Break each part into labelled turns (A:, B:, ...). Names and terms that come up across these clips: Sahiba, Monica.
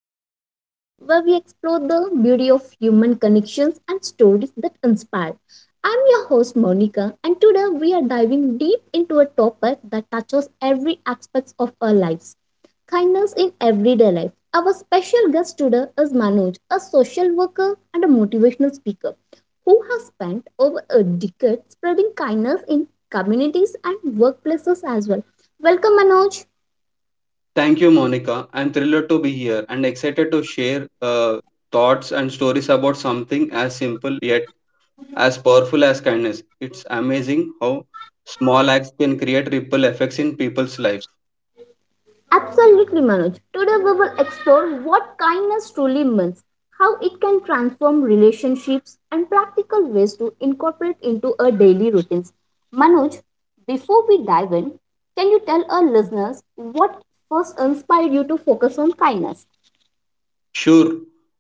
A: in everyday life where we explore the beauty of human connections and stories that inspire. I'm your host Monica and today we are diving deep into a topic that touches every aspect of our lives. Kindness in everyday life. Our special guest today is Manoj, a social worker and a motivational speaker who has spent over a decade spreading kindness in communities and workplaces as well. Welcome Manoj.
B: Thank you, Monica. I'm thrilled to be here and excited to share thoughts and stories about something as simple yet as powerful as kindness. It's amazing how small acts can create ripple effects in people's life.
A: Absolutely, Manoj. Today we will explore what kindness truly means, how it can transform relationships, and practical ways to incorporate into our daily routines. Manoj, before we dive in, can you tell our listeners what first inspired you to focus on kindness?
B: Sure,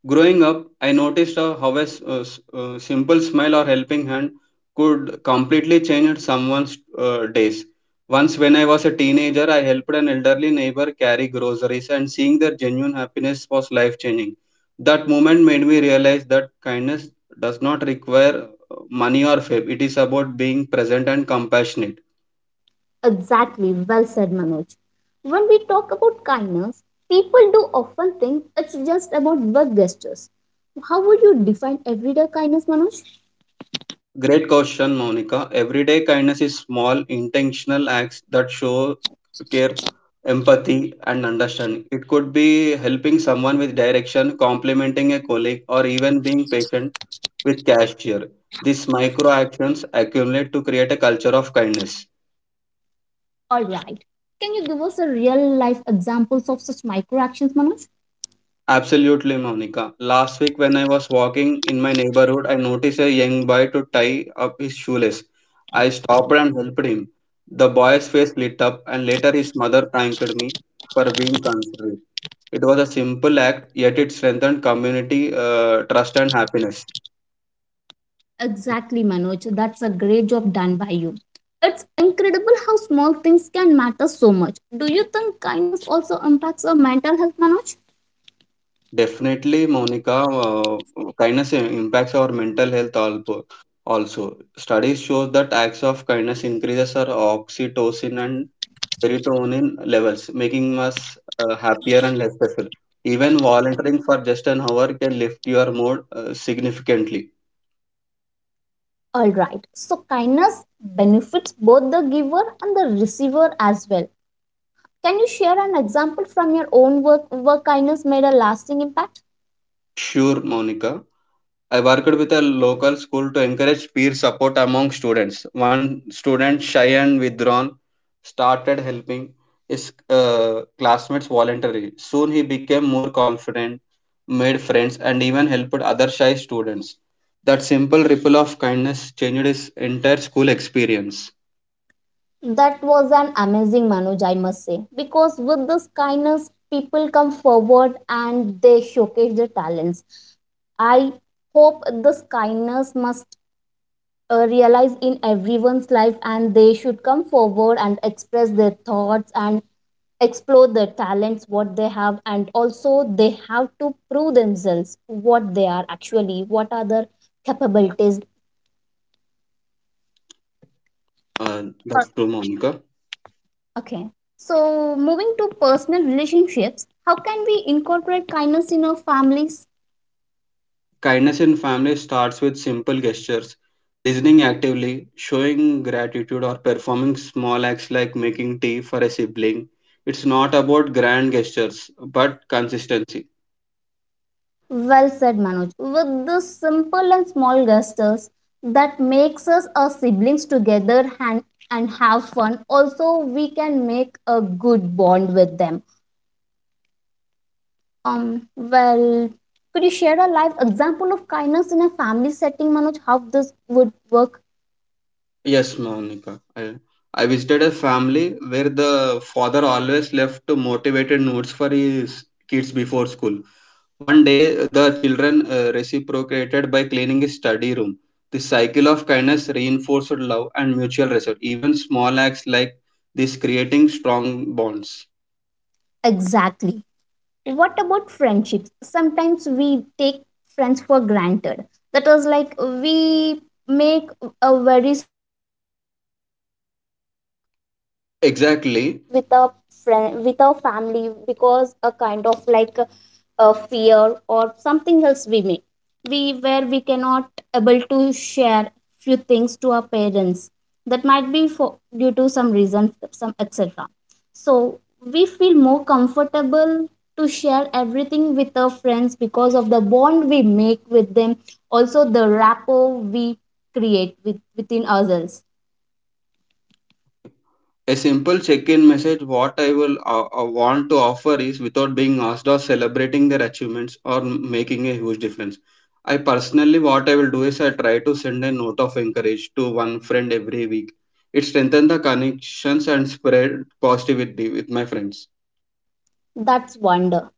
B: growing up, I noticed how a simple smile or helping hand could completely change someone's days. Once, when I was a teenager, I helped an elderly neighbor carry groceries, and seeing their genuine happiness was life changing. That moment made me realize that kindness does not require money or fame, it is about being present and compassionate.
A: Exactly, well said, Manoj. When we talk about kindness, people do often think it's just about big gestures. How would you define everyday kindness, Manoj?
B: Great question, Monica. Everyday kindness is small, intentional acts that show care, empathy, and understanding. It could be helping someone with direction, complimenting a colleague, or even being patient with cashier. These micro actions accumulate to create a culture of kindness.
A: All right. Can you give us a real life examples of such micro actions, Manoj?
B: Absolutely, Monica. Last week, when I was walking in my neighborhood, I noticed a young boy to tie up his shoelace. I stopped and helped him. The boy's face lit up, and later his mother thanked me for being considerate. It was a simple act, yet it strengthened community trust and happiness.
A: Exactly, Manoj. That's a great job done by you. It's incredible how small things can matter so much. Do you think kindness also impacts our mental health, Manoj?
B: Definitely, Monica, uh, kindness impacts our mental health also. Studies shows that acts of kindness increases our oxytocin and serotonin levels, making us happier and less stressful. Even volunteering for just an hour can lift your mood significantly.
A: All right. So kindness benefits both the giver and the receiver as well. Can you share an example from your own work where kindness made a lasting impact?
B: Sure, Monica. I worked with a local school to encourage peer support among students. One student, shy and withdrawn, started helping his classmates voluntarily. Soon he became more confident, made friends, and even helped other shy students. That simple ripple of kindness changed his entire school experience.
A: That was an amazing Manoj, I must say. Because with this kindness, people come forward and they showcase their talents. I hope this kindness must realize in everyone's life and they should come forward and express their thoughts and explore their talents, what they have, and also they have to prove themselves what they are actually, what are their capabilities.
B: That's true, Monica.
A: Okay. So, moving to personal relationships, how can we incorporate kindness in our families?
B: Kindness in family starts with simple gestures, listening actively, showing gratitude, or performing small acts like making tea for a sibling. It's not about grand gestures, but consistency.
A: Well said, Manoj. With the simple and small gestures that makes us our siblings together and have fun. Also, we can make a good bond with them. Well, could you share a live example of kindness in a family setting, Manoj? How this would work
B: Yes, Monica. I visited a family where the father always left motivated notes for his kids before school. One day, the children reciprocated by cleaning his study room. The cycle of kindness reinforced love and mutual respect. Even small acts like this creating strong bonds.
A: exactly? What about friendships? Sometimes we take friends for granted. That is like we make a very strong bond with our friends where we do not share some personal
B: Exactly.
A: things with our friend with our family because a kind of like a fear or something else we make we where we cannot able to share few things to our parents that might be for due to some reason some etc, so we feel more comfortable to share everything with our friends because of the bond we make with them, also the rapport we create with, within ourselves.
B: A simple check-in message what I will want to offer is without being asked or celebrating their achievements or making a huge difference. I personally what I will do is I try to send a note of encourage to one friend every week. It strengthens the connections and spread positivity with my friends.
A: That's wonder.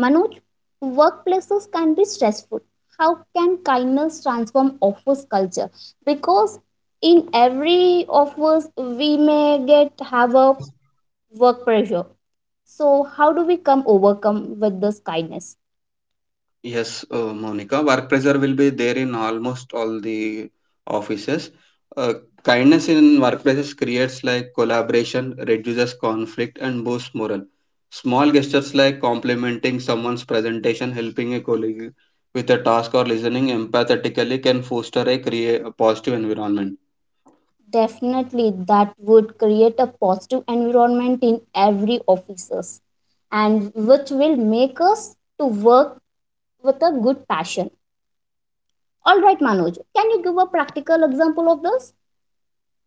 A: Manoj, workplaces can be stressful. How can kindness transform office culture? Because in every office we may get have a work pressure. So how do we come overcome with this kindness?
B: Yes, Monica, work pressure will be there in almost all the offices. Uh, Kindness in workplaces creates like collaboration, reduces conflict, and boosts morale. Small gestures like complimenting someone's presentation, helping a colleague with a task, or listening empathetically can foster a positive environment.
A: Definitely that would create a positive environment in every offices and which will make us to work with a good passion. All right Manoj, can you give a practical example of this?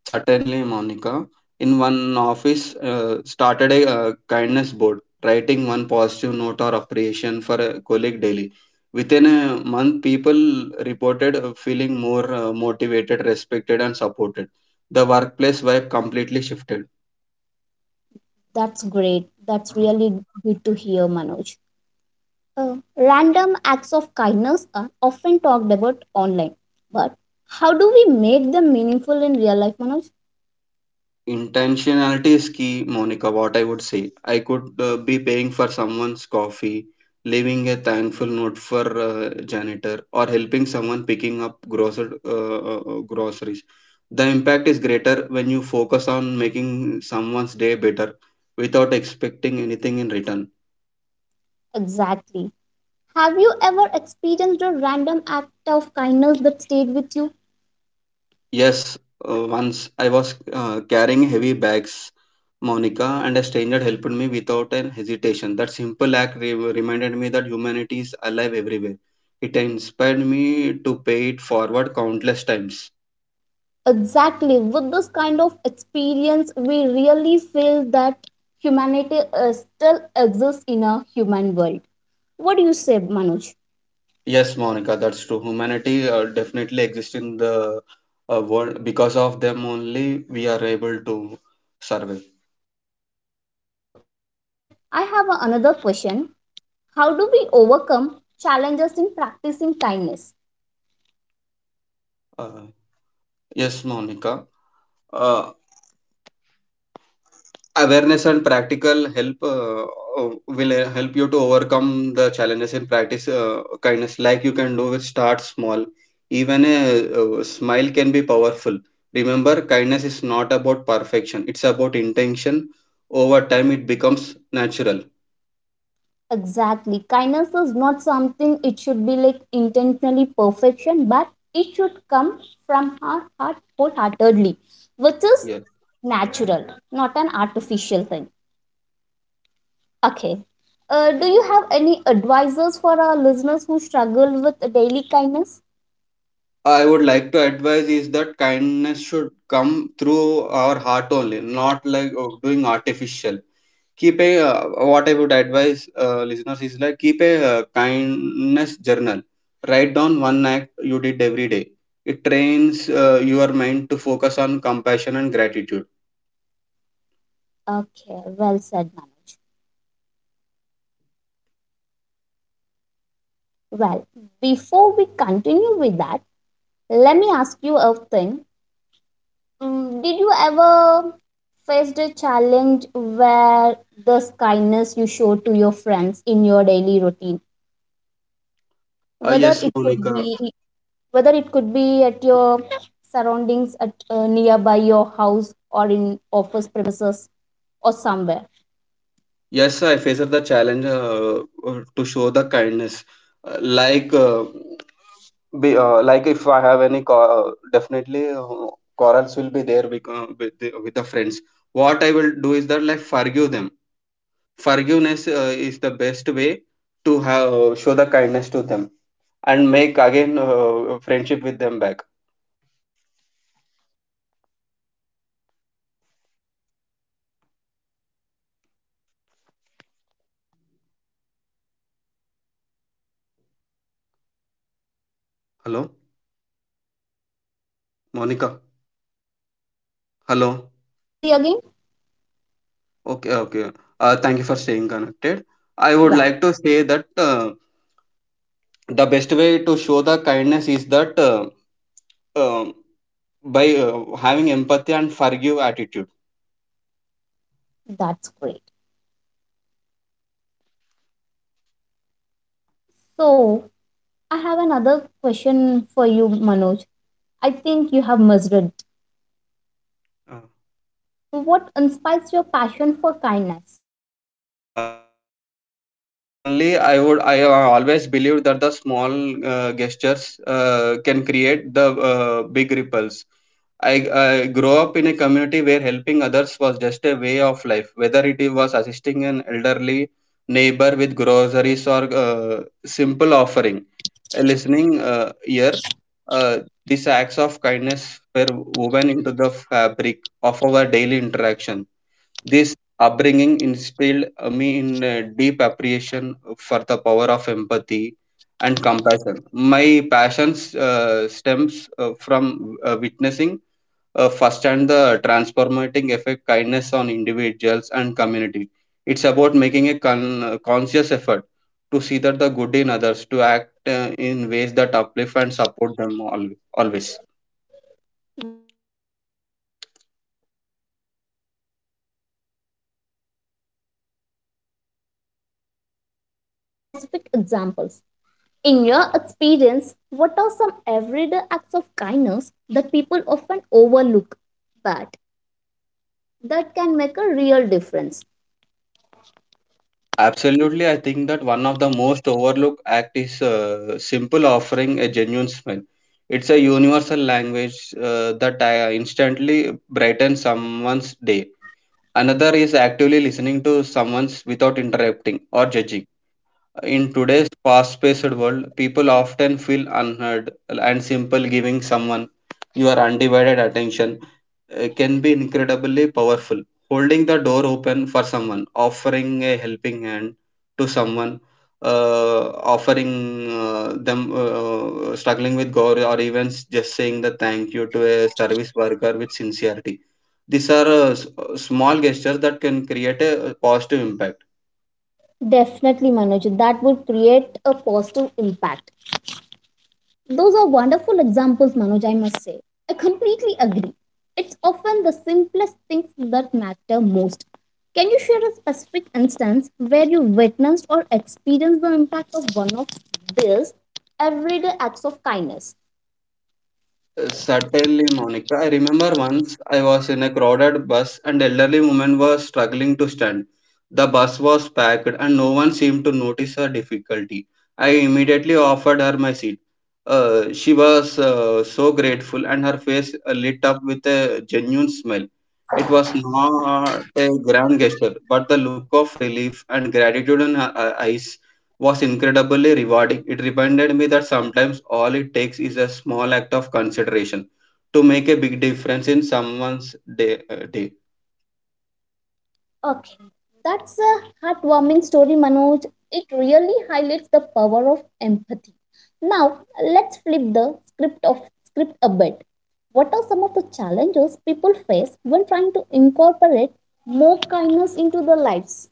B: Certainly, Monica. In one office, started a kindness board, writing one positive note or appreciation for a colleague daily. Within a month, people reported feeling more motivated, respected, and supported. The workplace vibe completely shifted.
A: That's great. That's really good to hear Manoj. Uh, Random acts of kindness are often talked about online, but how do we make them meaningful in real life Manoj?
B: Intentionality is key, Monica. What I would say, I could be paying for someone's coffee, leaving a thankful note for janitor, or helping someone picking up groceries. The impact is greater when you focus on making someone's day better without expecting anything in return.
A: Exactly. Have you ever experienced a random act of kindness that stayed with you?
B: Yes, once I was carrying heavy bags, Monica, and a stranger helped me without an hesitation. That simple act reminded me that humanity is alive everywhere. It inspired me to pay it forward countless times.
A: Exactly. With this kind of experience, we really feel that humanity still exists in a human world. What do you say, Manoj?
B: Yes, Monica, that's true. Humanity definitely exists in the world. Because of them only, we are able to
A: Exactly.
B: survive.
A: All right, Manoj. Like, I have another question. How do we overcome challenges in practicing kindness?
B: Uh, yes, Monica. Uh, Awareness and practical help will help you to overcome the challenges in practice kindness, like you can do with start small, even a smile can be powerful. Remember, kindness is not about perfection, it's about intention. Over time it becomes natural.
A: Exactly. Kindness is not something it should be like intentionally perfection, but it should come from our heart wholeheartedly, which is natural, not an artificial thing. Okay. Do you have any advisors for our listeners who struggle with daily kindness?
B: Yeah, I would like to advise is that kindness should come through our heart only, not like doing artificial. Keep a what I would advise listeners is like keep a kindness journal. Write down one act you did every day. It trains your mind to focus on compassion and gratitude.
A: Okay, well said, Manu. Well, before we continue with that, let me ask you a thing. Did you ever faced a challenge where this kindness you show to your friends in your daily routine,
B: uh,
A: whether
B: yes
A: it could
B: Monica.
A: be whether it could be at your surroundings at nearby your house or in office premises or somewhere?
B: Yes, I faced the challenge to show the kindness. Uh, like uh, like if I have any definitely quarrels will be there with, with the friends. What I will do is that like forgive them. Forgiveness is the best way to show the kindness to them
A: Okay,
B: and make again
A: all right, Manoj.
B: friendship with them back.
A: What inspires your passion for kindness, Manoj?
B: Hello Monica.
A: Manoj, do you want
B: Hello.
A: me to repeat the again?
B: Okay, okay. Thank you for staying connected. I would
A: Yeah,
B: like to say that the best way to show the kindness is that um by having empathy and forgive attitude.
A: that's great. So I have another question for you, Manoj. I think you have measured
B: Uh,
A: what inspires your passion for kindness.
B: um Certainly, I would. I have always believed that the small gestures can create the big ripples. I grew up in a community where helping others was just a way of life, whether it was assisting an elderly neighbor with groceries or simple offering, a listening ear. Uh, these acts of kindness were woven into the fabric of our daily interaction. This upbringing instilled me in a deep appreciation for the power of empathy and compassion. My passions stems from witnessing firsthand the transformating effect kindness on individuals and community. It's about making a conscious effort to see that the good in others, to act in ways that uplift and support them always.
A: That's a beautiful perspective, Manoj. It's so true that these small acts can have such a significant impact. Let's talk about some specific examples. In your experience, what are some everyday acts of kindness that people often overlook, but that can make a real difference?
B: Absolutely, I think that one of the most overlooked act is simple offering a genuine smile. It's a universal language that instantly brightens someone's day. Another is actively listening to someone's without interrupting or judging. In today's fast-paced world, people often feel unheard, and simple giving someone your undivided attention can be incredibly powerful. Holding the door open for someone, offering a helping hand to someone, uh, offering them struggling with gore, or even just saying the thank you to a service worker with sincerity. These are small gestures that can create a positive impact.
A: Definitely, Manoj, that would create a positive impact. Those are wonderful examples, Manoj, I must say. I completely agree. It's often the simplest things that matter most. Can you share a specific instance where you witnessed or experienced the impact of one of these everyday acts of kindness?
B: Certainly, Monica. I remember once I was in a crowded bus and elderly woman was struggling to stand. The bus was packed and no one seemed to notice her difficulty. I immediately offered her my seat. She was so grateful and her face lit up with a genuine smile. It was not a grand gesture, but the look of relief and gratitude in her eyes was incredibly rewarding. It reminded me that sometimes all it takes is a small act of consideration to make a big difference in someone's day.
A: Okay, that's a heartwarming story, Manoj. It really highlights the power of empathy. Now, let's flip the script of script a bit. What are some of the challenges people face when trying to incorporate more kindness into their lives?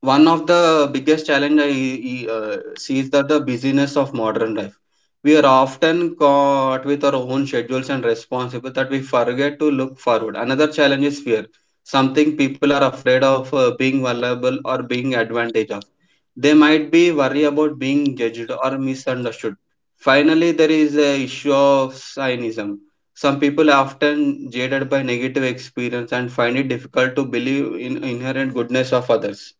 B: One of the biggest challenge I uh, see is that the busyness of modern life. We are often caught with our own schedules and responsibilities that we forget to look forward. Another challenge is fear, something people are afraid of being vulnerable or being advantage of. They might be worried about being judged or misunderstood. Finally, there is a issue of cynicism. Some people are often jaded by negative experience and find it difficult to believe in inherent goodness of others.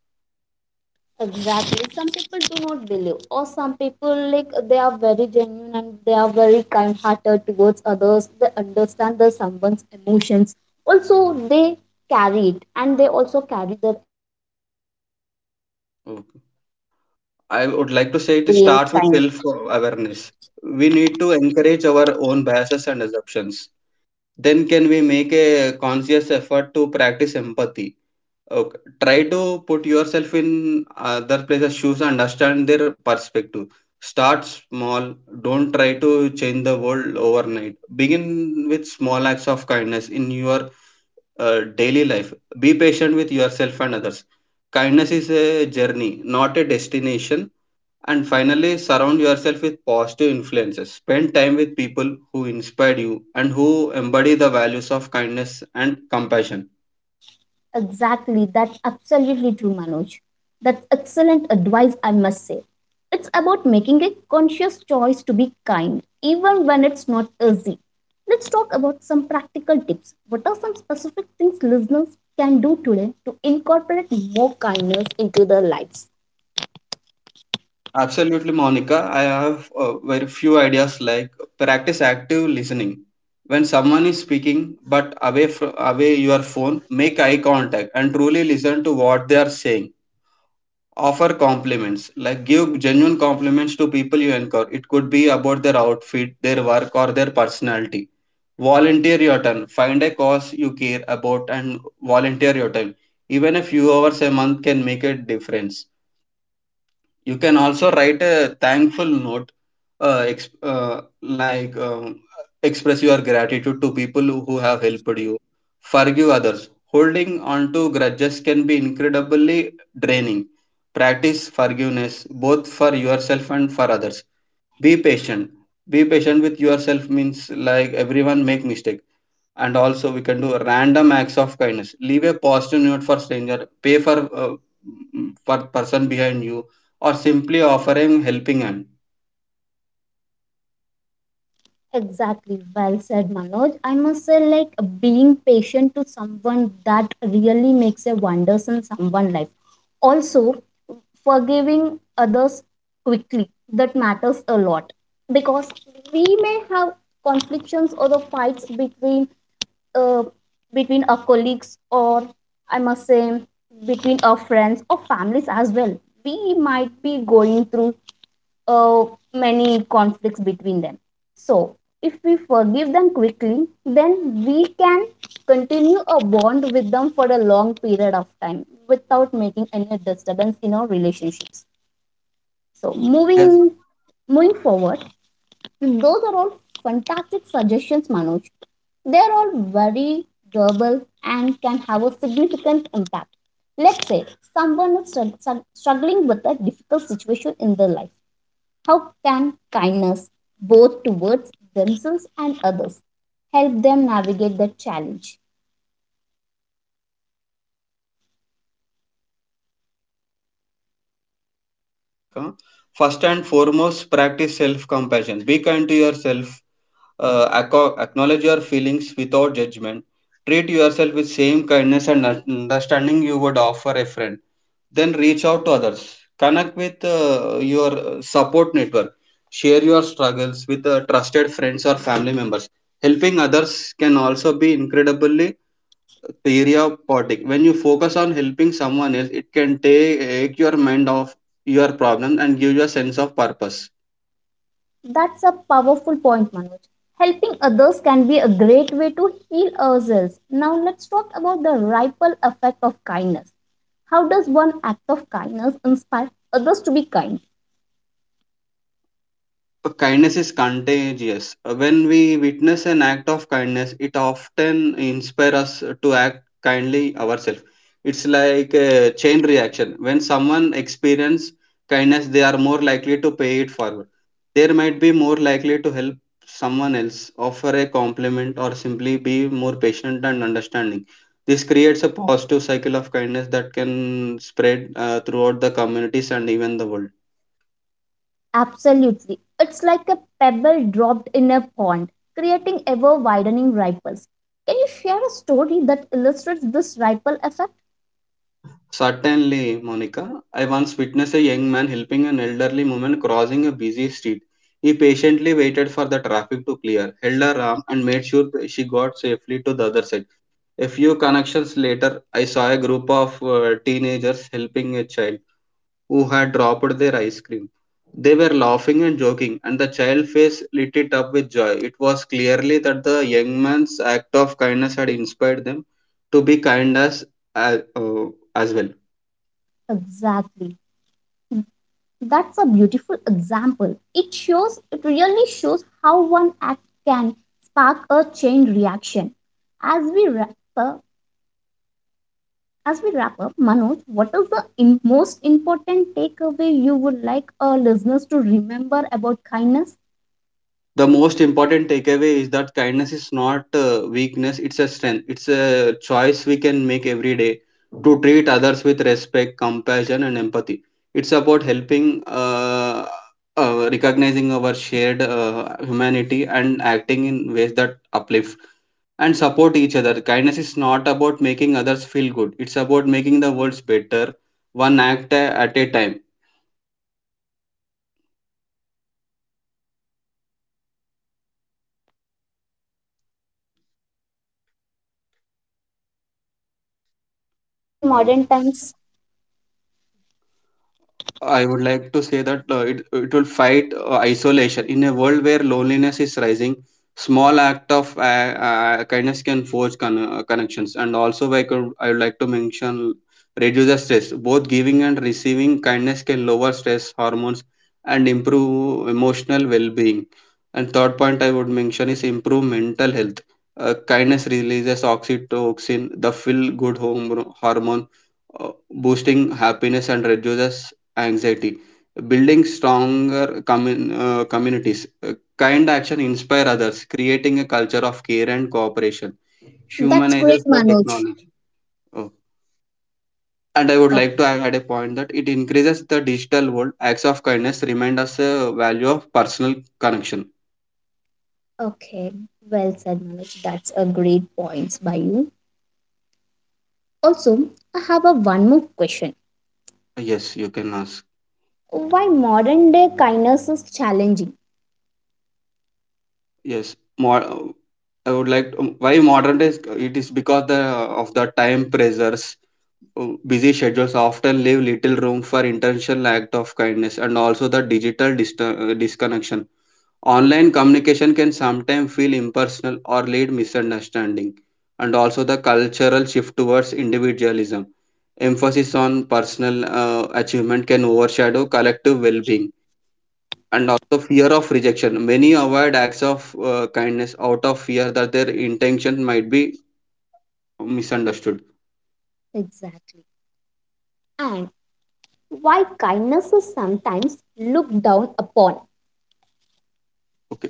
A: Exactly. Some people do not believe, or some people like they are very genuine and they are very kind-hearted towards others. They understand the someone's emotions. Also, they carry it and they also carry their emotions as they
B: Okay.
A: make a good bond
B: I
A: with
B: would
A: them,
B: like to say it
A: being
B: starts with
A: kind.
B: self awareness. We need to encourage our own biases and assumptions. Then, can
A: Exact,
B: we make a conscious effort to practice empathy? Okay. Try to put yourself in other places' shoes and understand their perspective. Start small. Don't try to change the world overnight. Begin with small acts of kindness in your daily life. Be patient with yourself and others. Kindness is a journey, not a destination, and finally, surround yourself with positive influences. Spend time with people who inspire you and who embody the values of kindness and compassion.
A: exactly. That's absolutely true, Manoj. That's excellent advice, I must say. It's about making a conscious choice to be kind, even when it's not easy. Let's talk about some practical tips. What are some specific things listeners can do today to incorporate more kindness into their lives?
B: Absolutely, Monica. I have very few ideas, like practice active listening. When someone is speaking, but away from away your phone, make eye contact and truly listen to what they are saying. Offer compliments, like give genuine compliments to people you encounter. It could be about their outfit, their work, or their personality. Volunteer your time. Find a cause you care about and volunteer your time. Even a few hours a month can make a difference. You can also write a thankful note, uh, ex- uh, like um, express your gratitude to people who have helped you. Forgive others. Holding on to grudges can be incredibly draining. Practice forgiveness, both for yourself and for others. Be patient. Be patient with yourself means like everyone make mistake. And also we can do random acts of kindness. Leave a positive note for stranger, pay for uh, for person behind you, or simply offer a helping hand.
A: Exactly, well said, Manoj. I must say, like being patient to someone that really makes a wonders in someone's life. Also, forgiving others quickly that matters a lot because we may have conflicts or the fights between uh, between our colleagues or I must say between our friends or families as well. We might be going through uh, many conflicts between them. So, if we forgive them quickly, then we can continue a bond with them for a long period of time without making any disturbance in our relationships. So,
B: Yes.
A: moving forward, those are all fantastic suggestions, Manoj. They are all very durable and can have a significant impact. Let's say someone is struggling with a difficult situation in their life, how can kindness, both towards themselves and others, help them navigate that challenge?
B: Kindness is essential during the difficult times, I think, Monica. First and foremost, practice self compassion, be kind to yourself. Acknowledge your feelings without judgment. Treat yourself with same kindness and understanding you would offer a friend. Then reach out to others, connect with your support network, share your struggles with trusted friends or family members. Helping others can also be incredibly therapeutic. When you focus on helping someone else, it can take your mind off your problem and give you a sense of purpose.
A: That's a powerful point, Manoj. Helping others can be a great way to heal ourselves. Now, let's talk about the ripple effect of kindness. How does one act of kindness inspire others to be kind?
B: Kindness is contagious. When we witness an act of kindness, it often inspires us to act kindly ourselves. It's like a chain reaction. When someone experiences kindness, they are more likely to pay it forward. They might be more likely to help someone else, offer a compliment, or simply be more patient and understanding. This creates a positive cycle of kindness that can spread throughout the communities and even the world.
A: Absolutely. It's like a pebble dropped in a pond, creating ever widening ripples. Can you share a story that illustrates this ripple effect?
B: Certainly, Monica. I once witnessed a young man helping an elderly woman crossing a busy street. He patiently waited for the traffic to clear, held her arm, and made sure that she got safely to the other side. A few connections later, I saw a group of teenagers helping a child who had dropped their ice cream. They were laughing and joking, and the child's face lit it up with joy. It was clearly that the young man's act of kindness had inspired them to be kind as, as, uh, as well.
A: Exactly. That's a beautiful example. It really shows how one act can spark a chain reaction. As we wrap up, as we wrap up, Manoj, what is the most important takeaway you would like our listeners to remember about kindness?
B: The most important takeaway is that kindness is not weakness, it's a strength. It's a choice we can make every day to treat others with respect, compassion and empathy. It's about helping recognizing our shared humanity and acting in ways that uplift and support each other. Kindness is not about making others feel good, it's about making the world better, one act at a time.
A: Yes, Manoj, that would definitely impact kindness in our daily life. And one more question I have, Manoj, for you. Why kindness matters in
B: uh,
A: modern times?
B: I would like to say that it will fight isolation. In a world where loneliness is rising, small act of kindness can forge connections. And also, I would like to mention reduce the stress. Both giving and receiving kindness can lower stress hormones and improve emotional well being. And third point I would mention is improve mental health. Kindness releases oxytocin, the feel good hormone, uh, boosting happiness and reduces anxiety, building stronger communities. Kind action inspire others, creating a culture of care and cooperation.
A: That's great,
B: Humanizes the
A: Manoj.
B: technology. Oh. And I would like
A: Okay.
B: to add a point that it increases the digital world. Acts of kindness remind us a value of personal connection.
A: Okay, well said, Manoj. That's a great points by you. Also, I have a one more question.
B: Yes, you can ask.
A: Why modern day kindness is challenging?
B: Yes, more. I would like to, why modern days it is because the of the time pressures. Busy schedules often leave little room for intentional act of kindness, and also the digital disconnection. Online communication can sometimes feel impersonal or lead misunderstanding, and also the cultural shift towards individualism. Emphasis on personal achievement can overshadow collective well-being, and also fear of rejection. Many avoid acts of kindness out of fear that their intention might be misunderstood.
A: Exactly. And why kindness is sometimes looked down upon?
B: Okay.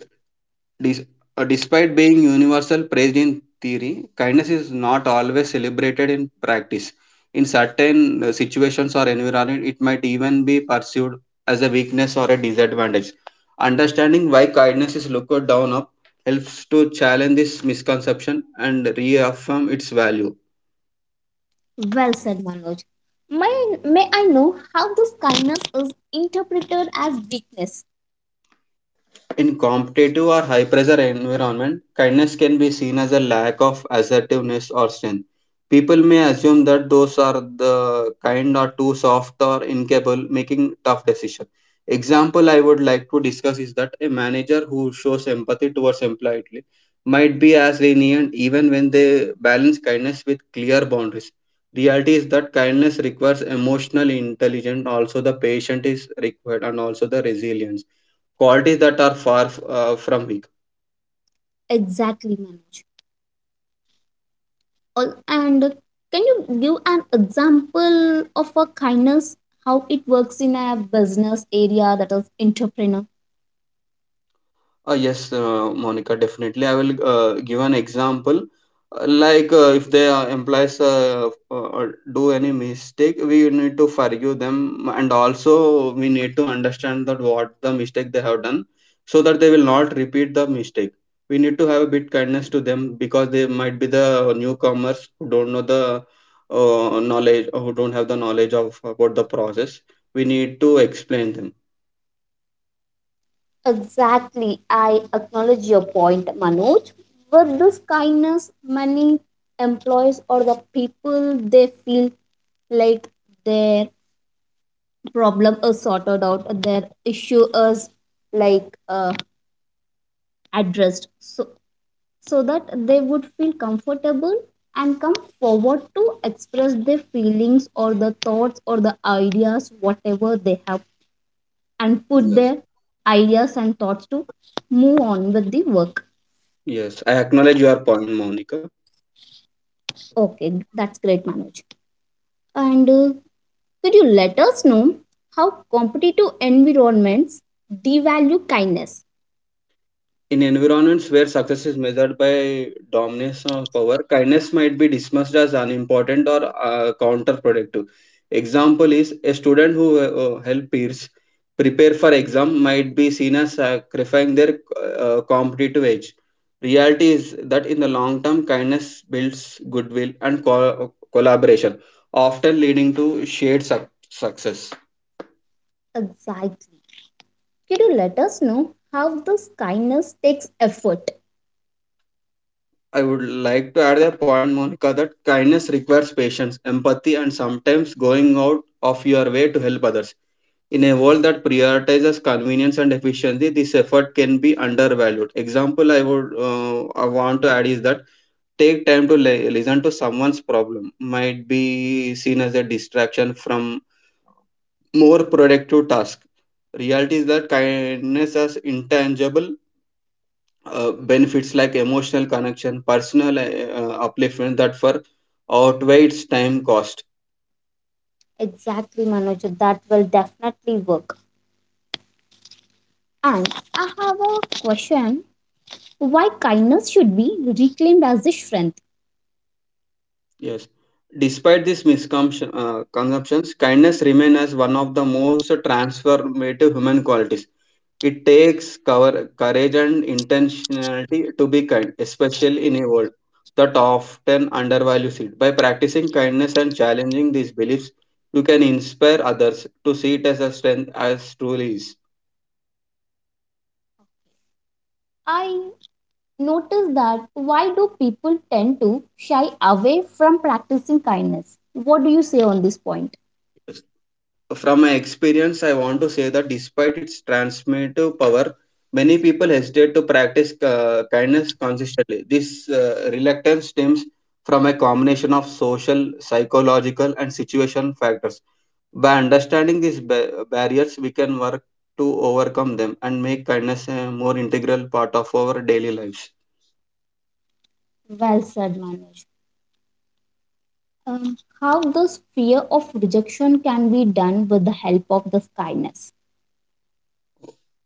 B: Dis- Despite being universal praised in theory, kindness is not always celebrated in practice. In certain situations or environment, it might even be perceived as a weakness or a disadvantage. Understanding why kindness is looked down up helps to challenge this misconception and reaffirm its value.
A: Well said, Manoj. May I know how this kindness is interpreted as weakness?
B: In competitive or high pressure environment, kindness can be seen as a lack of assertiveness or strength. People may assume that those are the kind or too soft or incapable making tough decisions. Example I would like to discuss is that a manager who shows empathy towards employee might be as lenient even when they balance kindness with clear boundaries. Reality is that kindness requires emotional intelligence, also the patience is required and also the resilience qualities that are far from weak.
A: Exactly, Manoj. And can you give an example of a kindness, how it works in a business area that is entrepreneur?
B: Yes, Monica, definitely. I will give an example. Like if their employees uh, uh, do any mistake, we need to forgive them, and also we need to understand that what the mistake they have done, so that they will not repeat the mistake. We need to have a bit kindness to them because they might be the newcomers who don't know the knowledge, who don't have the knowledge of about the process. We need to explain
A: Exactly. I acknowledge your point, Manoj. With this kindness, many employees or the people they feel like their problem is sorted out, their issue is like addressed. So that they would feel comfortable and come forward to express their feelings or the thoughts or the ideas, whatever they have, and put
B: them.
A: their ideas and thoughts to move on with the work.
B: Yes, I acknowledge your point, Monica.
A: Okay, that's great, Manoj. And could you let us know how competitive environments devalue kindness?
B: In environments where success is measured by dominance or power, kindness might be dismissed as unimportant or counterproductive. Example is a student who help peers prepare for exam might be seen as sacrificing their competitive edge. Reality is that in the long term, kindness builds goodwill and collaboration, often leading to shared success.
A: Exactly. Could you let us know how this kindness takes effort?
B: I would like to add a point, Monica, that kindness requires patience, empathy, and sometimes going out of your way to help others. In a world that prioritizes convenience and efficiency, this effort can be undervalued. Example I want to add is that take time to listen to someone's problem might be seen as a distraction from more productive task. Reality is that kindness is intangible benefits like emotional connection, personal upliftment that for outweighs time cost.
A: Exactly, Manoj. That will definitely work. And I have a question why kindness should be reclaimed as a strength.
B: Yes. Despite these misconceptions, consumptions, kindness remains as one of the most transformative human qualities. It takes cover, courage and intentionality to be kind, especially in a world that often undervalues it. By practicing kindness and challenging these beliefs, you can inspire others to see it as a strength as truly is.
A: I noticed that why do people tend to shy away from practicing kindness? What do you say on this point?
B: From my experience, I want to say that despite its transformative power, many people hesitate to practice kindness consistently. This reluctance stems from a combination of social, psychological, and situation factors. By understanding these barriers, we can work to overcome them and make kindness a more integral part of our daily lives.
A: Well said, Manoj. How this fear of rejection can be done with the help of this kindness,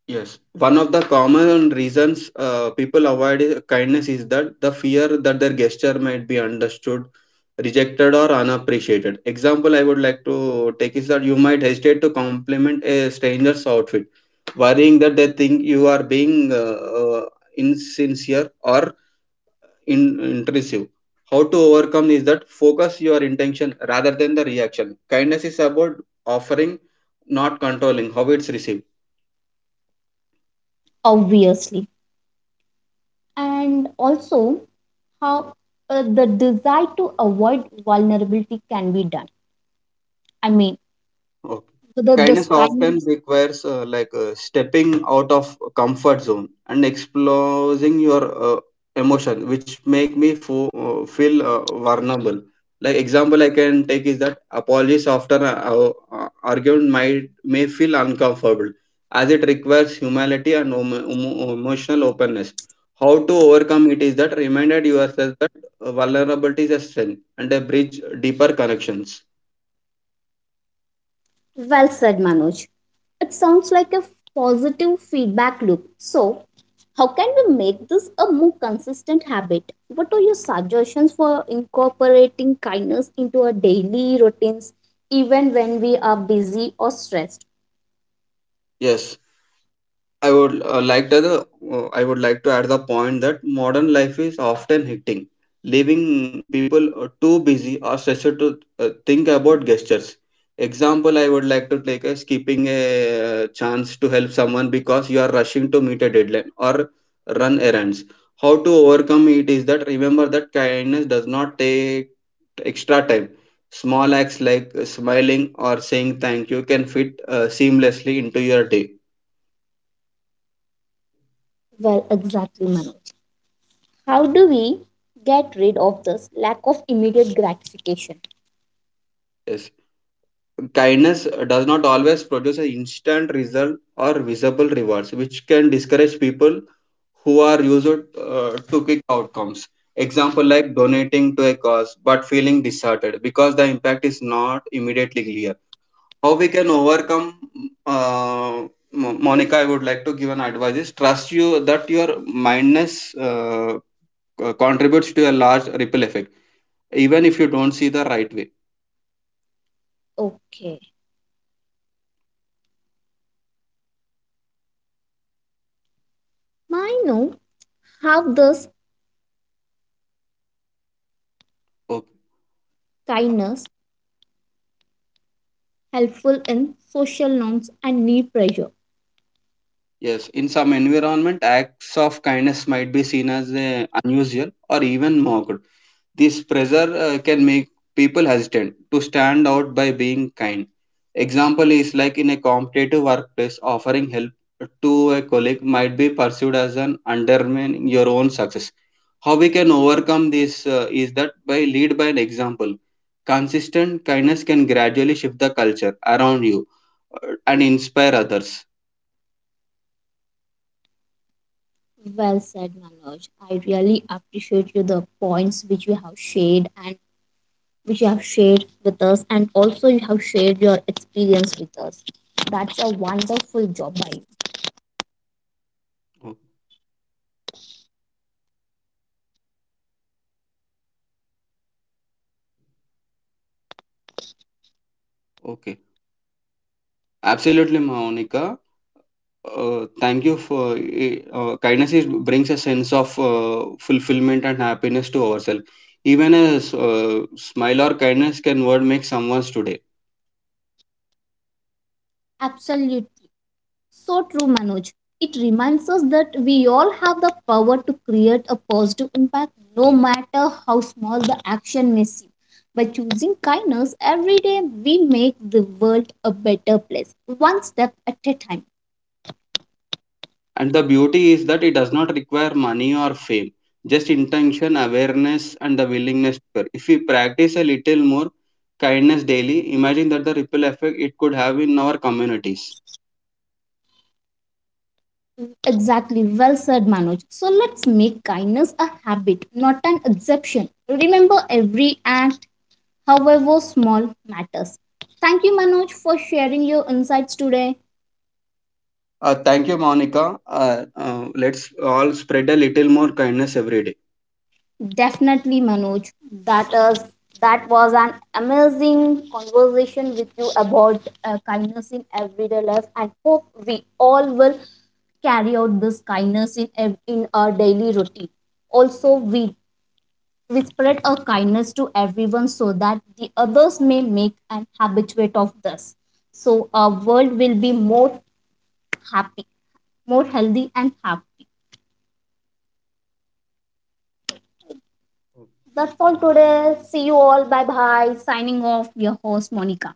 B: Yes, one of the common reasons people avoid kindness is that the fear that their gesture might be understood, rejected, or unappreciated. Example I would like to take is that you might hesitate to compliment a stranger's outfit, worrying that they think you are being insincere or intrusive. How to overcome is that focus your intention rather than the reaction. Kindness is about offering, not controlling how it's received.
A: obviously. And also, how the desire to avoid vulnerability can be done. I mean,
B: Okay.
A: whether this
B: Kindness often
A: kind.
B: requires stepping out of comfort zone and exploring your uh, emotion, which make me feel vulnerable. Like example I can take is that apologies after an argument might may feel uncomfortable, as it requires humility and emotional openness. How to overcome it is that reminded yourself that vulnerability is a strength and a bridge deeper connections.
A: Well said, Manoj. It sounds like a positive feedback loop. So, how can we make this a more consistent habit? What are your suggestions for incorporating kindness into our daily routines, even when we are busy or stressed?
B: Yes. I would uh, like to the I would like to add the point that modern life is often hitting, leaving people too busy or stressed to think about gestures. Example, I would like to take a skipping a chance to help someone because you are rushing to meet a deadline or run errands. How to overcome it is that remember that kindness does not take extra time. Small acts like smiling or saying thank you can fit seamlessly into your day.
A: Well, exactly, Manoj. How do we get rid of this lack of immediate gratification?
B: Yes. Kindness does not always produce an instant result or visible rewards, which can discourage people who are used to quick outcomes. Example like donating to a cause but feeling disheartened because the impact is not immediately clear. How we can overcome, uh, Monica, I would like to give an advice is trust you that your mindness contributes to a large ripple effect, even if you don't see the right way.
A: Okay. I know how this
B: Okay.
A: kindness helpful in social norms and need pressure.
B: Yes, in some environment, acts of kindness might be seen as unusual or even mocked. This pressure can make people hesitant to stand out by being kind. Example is like in a competitive workplace, offering help to a colleague might be perceived as an undermining your own success. How we can overcome this is that by lead by an example. Consistent kindness can gradually shift the culture around you uh, and inspire others.
A: Well said, Manoj. I really appreciate you the points which you have shared and which you have shared with us, and also you have shared your experience with us. That's a wonderful job by you.
B: O- Okay. Absolutely, Monica. Thank you for kindness. Is, brings a sense of fulfillment and happiness to ourselves. Even a smile or kindness can word make someone's today.
A: Absolutely. So true, Manoj. It reminds us that we all have the power to create a positive impact no matter how small the action may seem. By choosing kindness every day, we make the world a better place, one step at a time.
B: And the beauty is that it does not require money or fame, just intention, awareness, and the willingness to care. If we practice a little more kindness daily, imagine that the ripple effect it could have in our communities.
A: Exactly, well said, Manoj. So let's make kindness a habit, not an exception. Remember, every act, however small, matters. Thank you, Manoj, for sharing your insights today.
B: Thank you, Monica. Let's all spread a little more kindness every day.
A: Definitely, Manoj. That is that was an amazing conversation with you about kindness in everyday life, and hope we all will carry out this kindness in in our daily routine. Also, we spread our kindness to everyone so that the others may make an habituate of this. So our world will be more happy, more healthy and happy. That's all today. See you all. Bye bye. Signing off, your host Monica.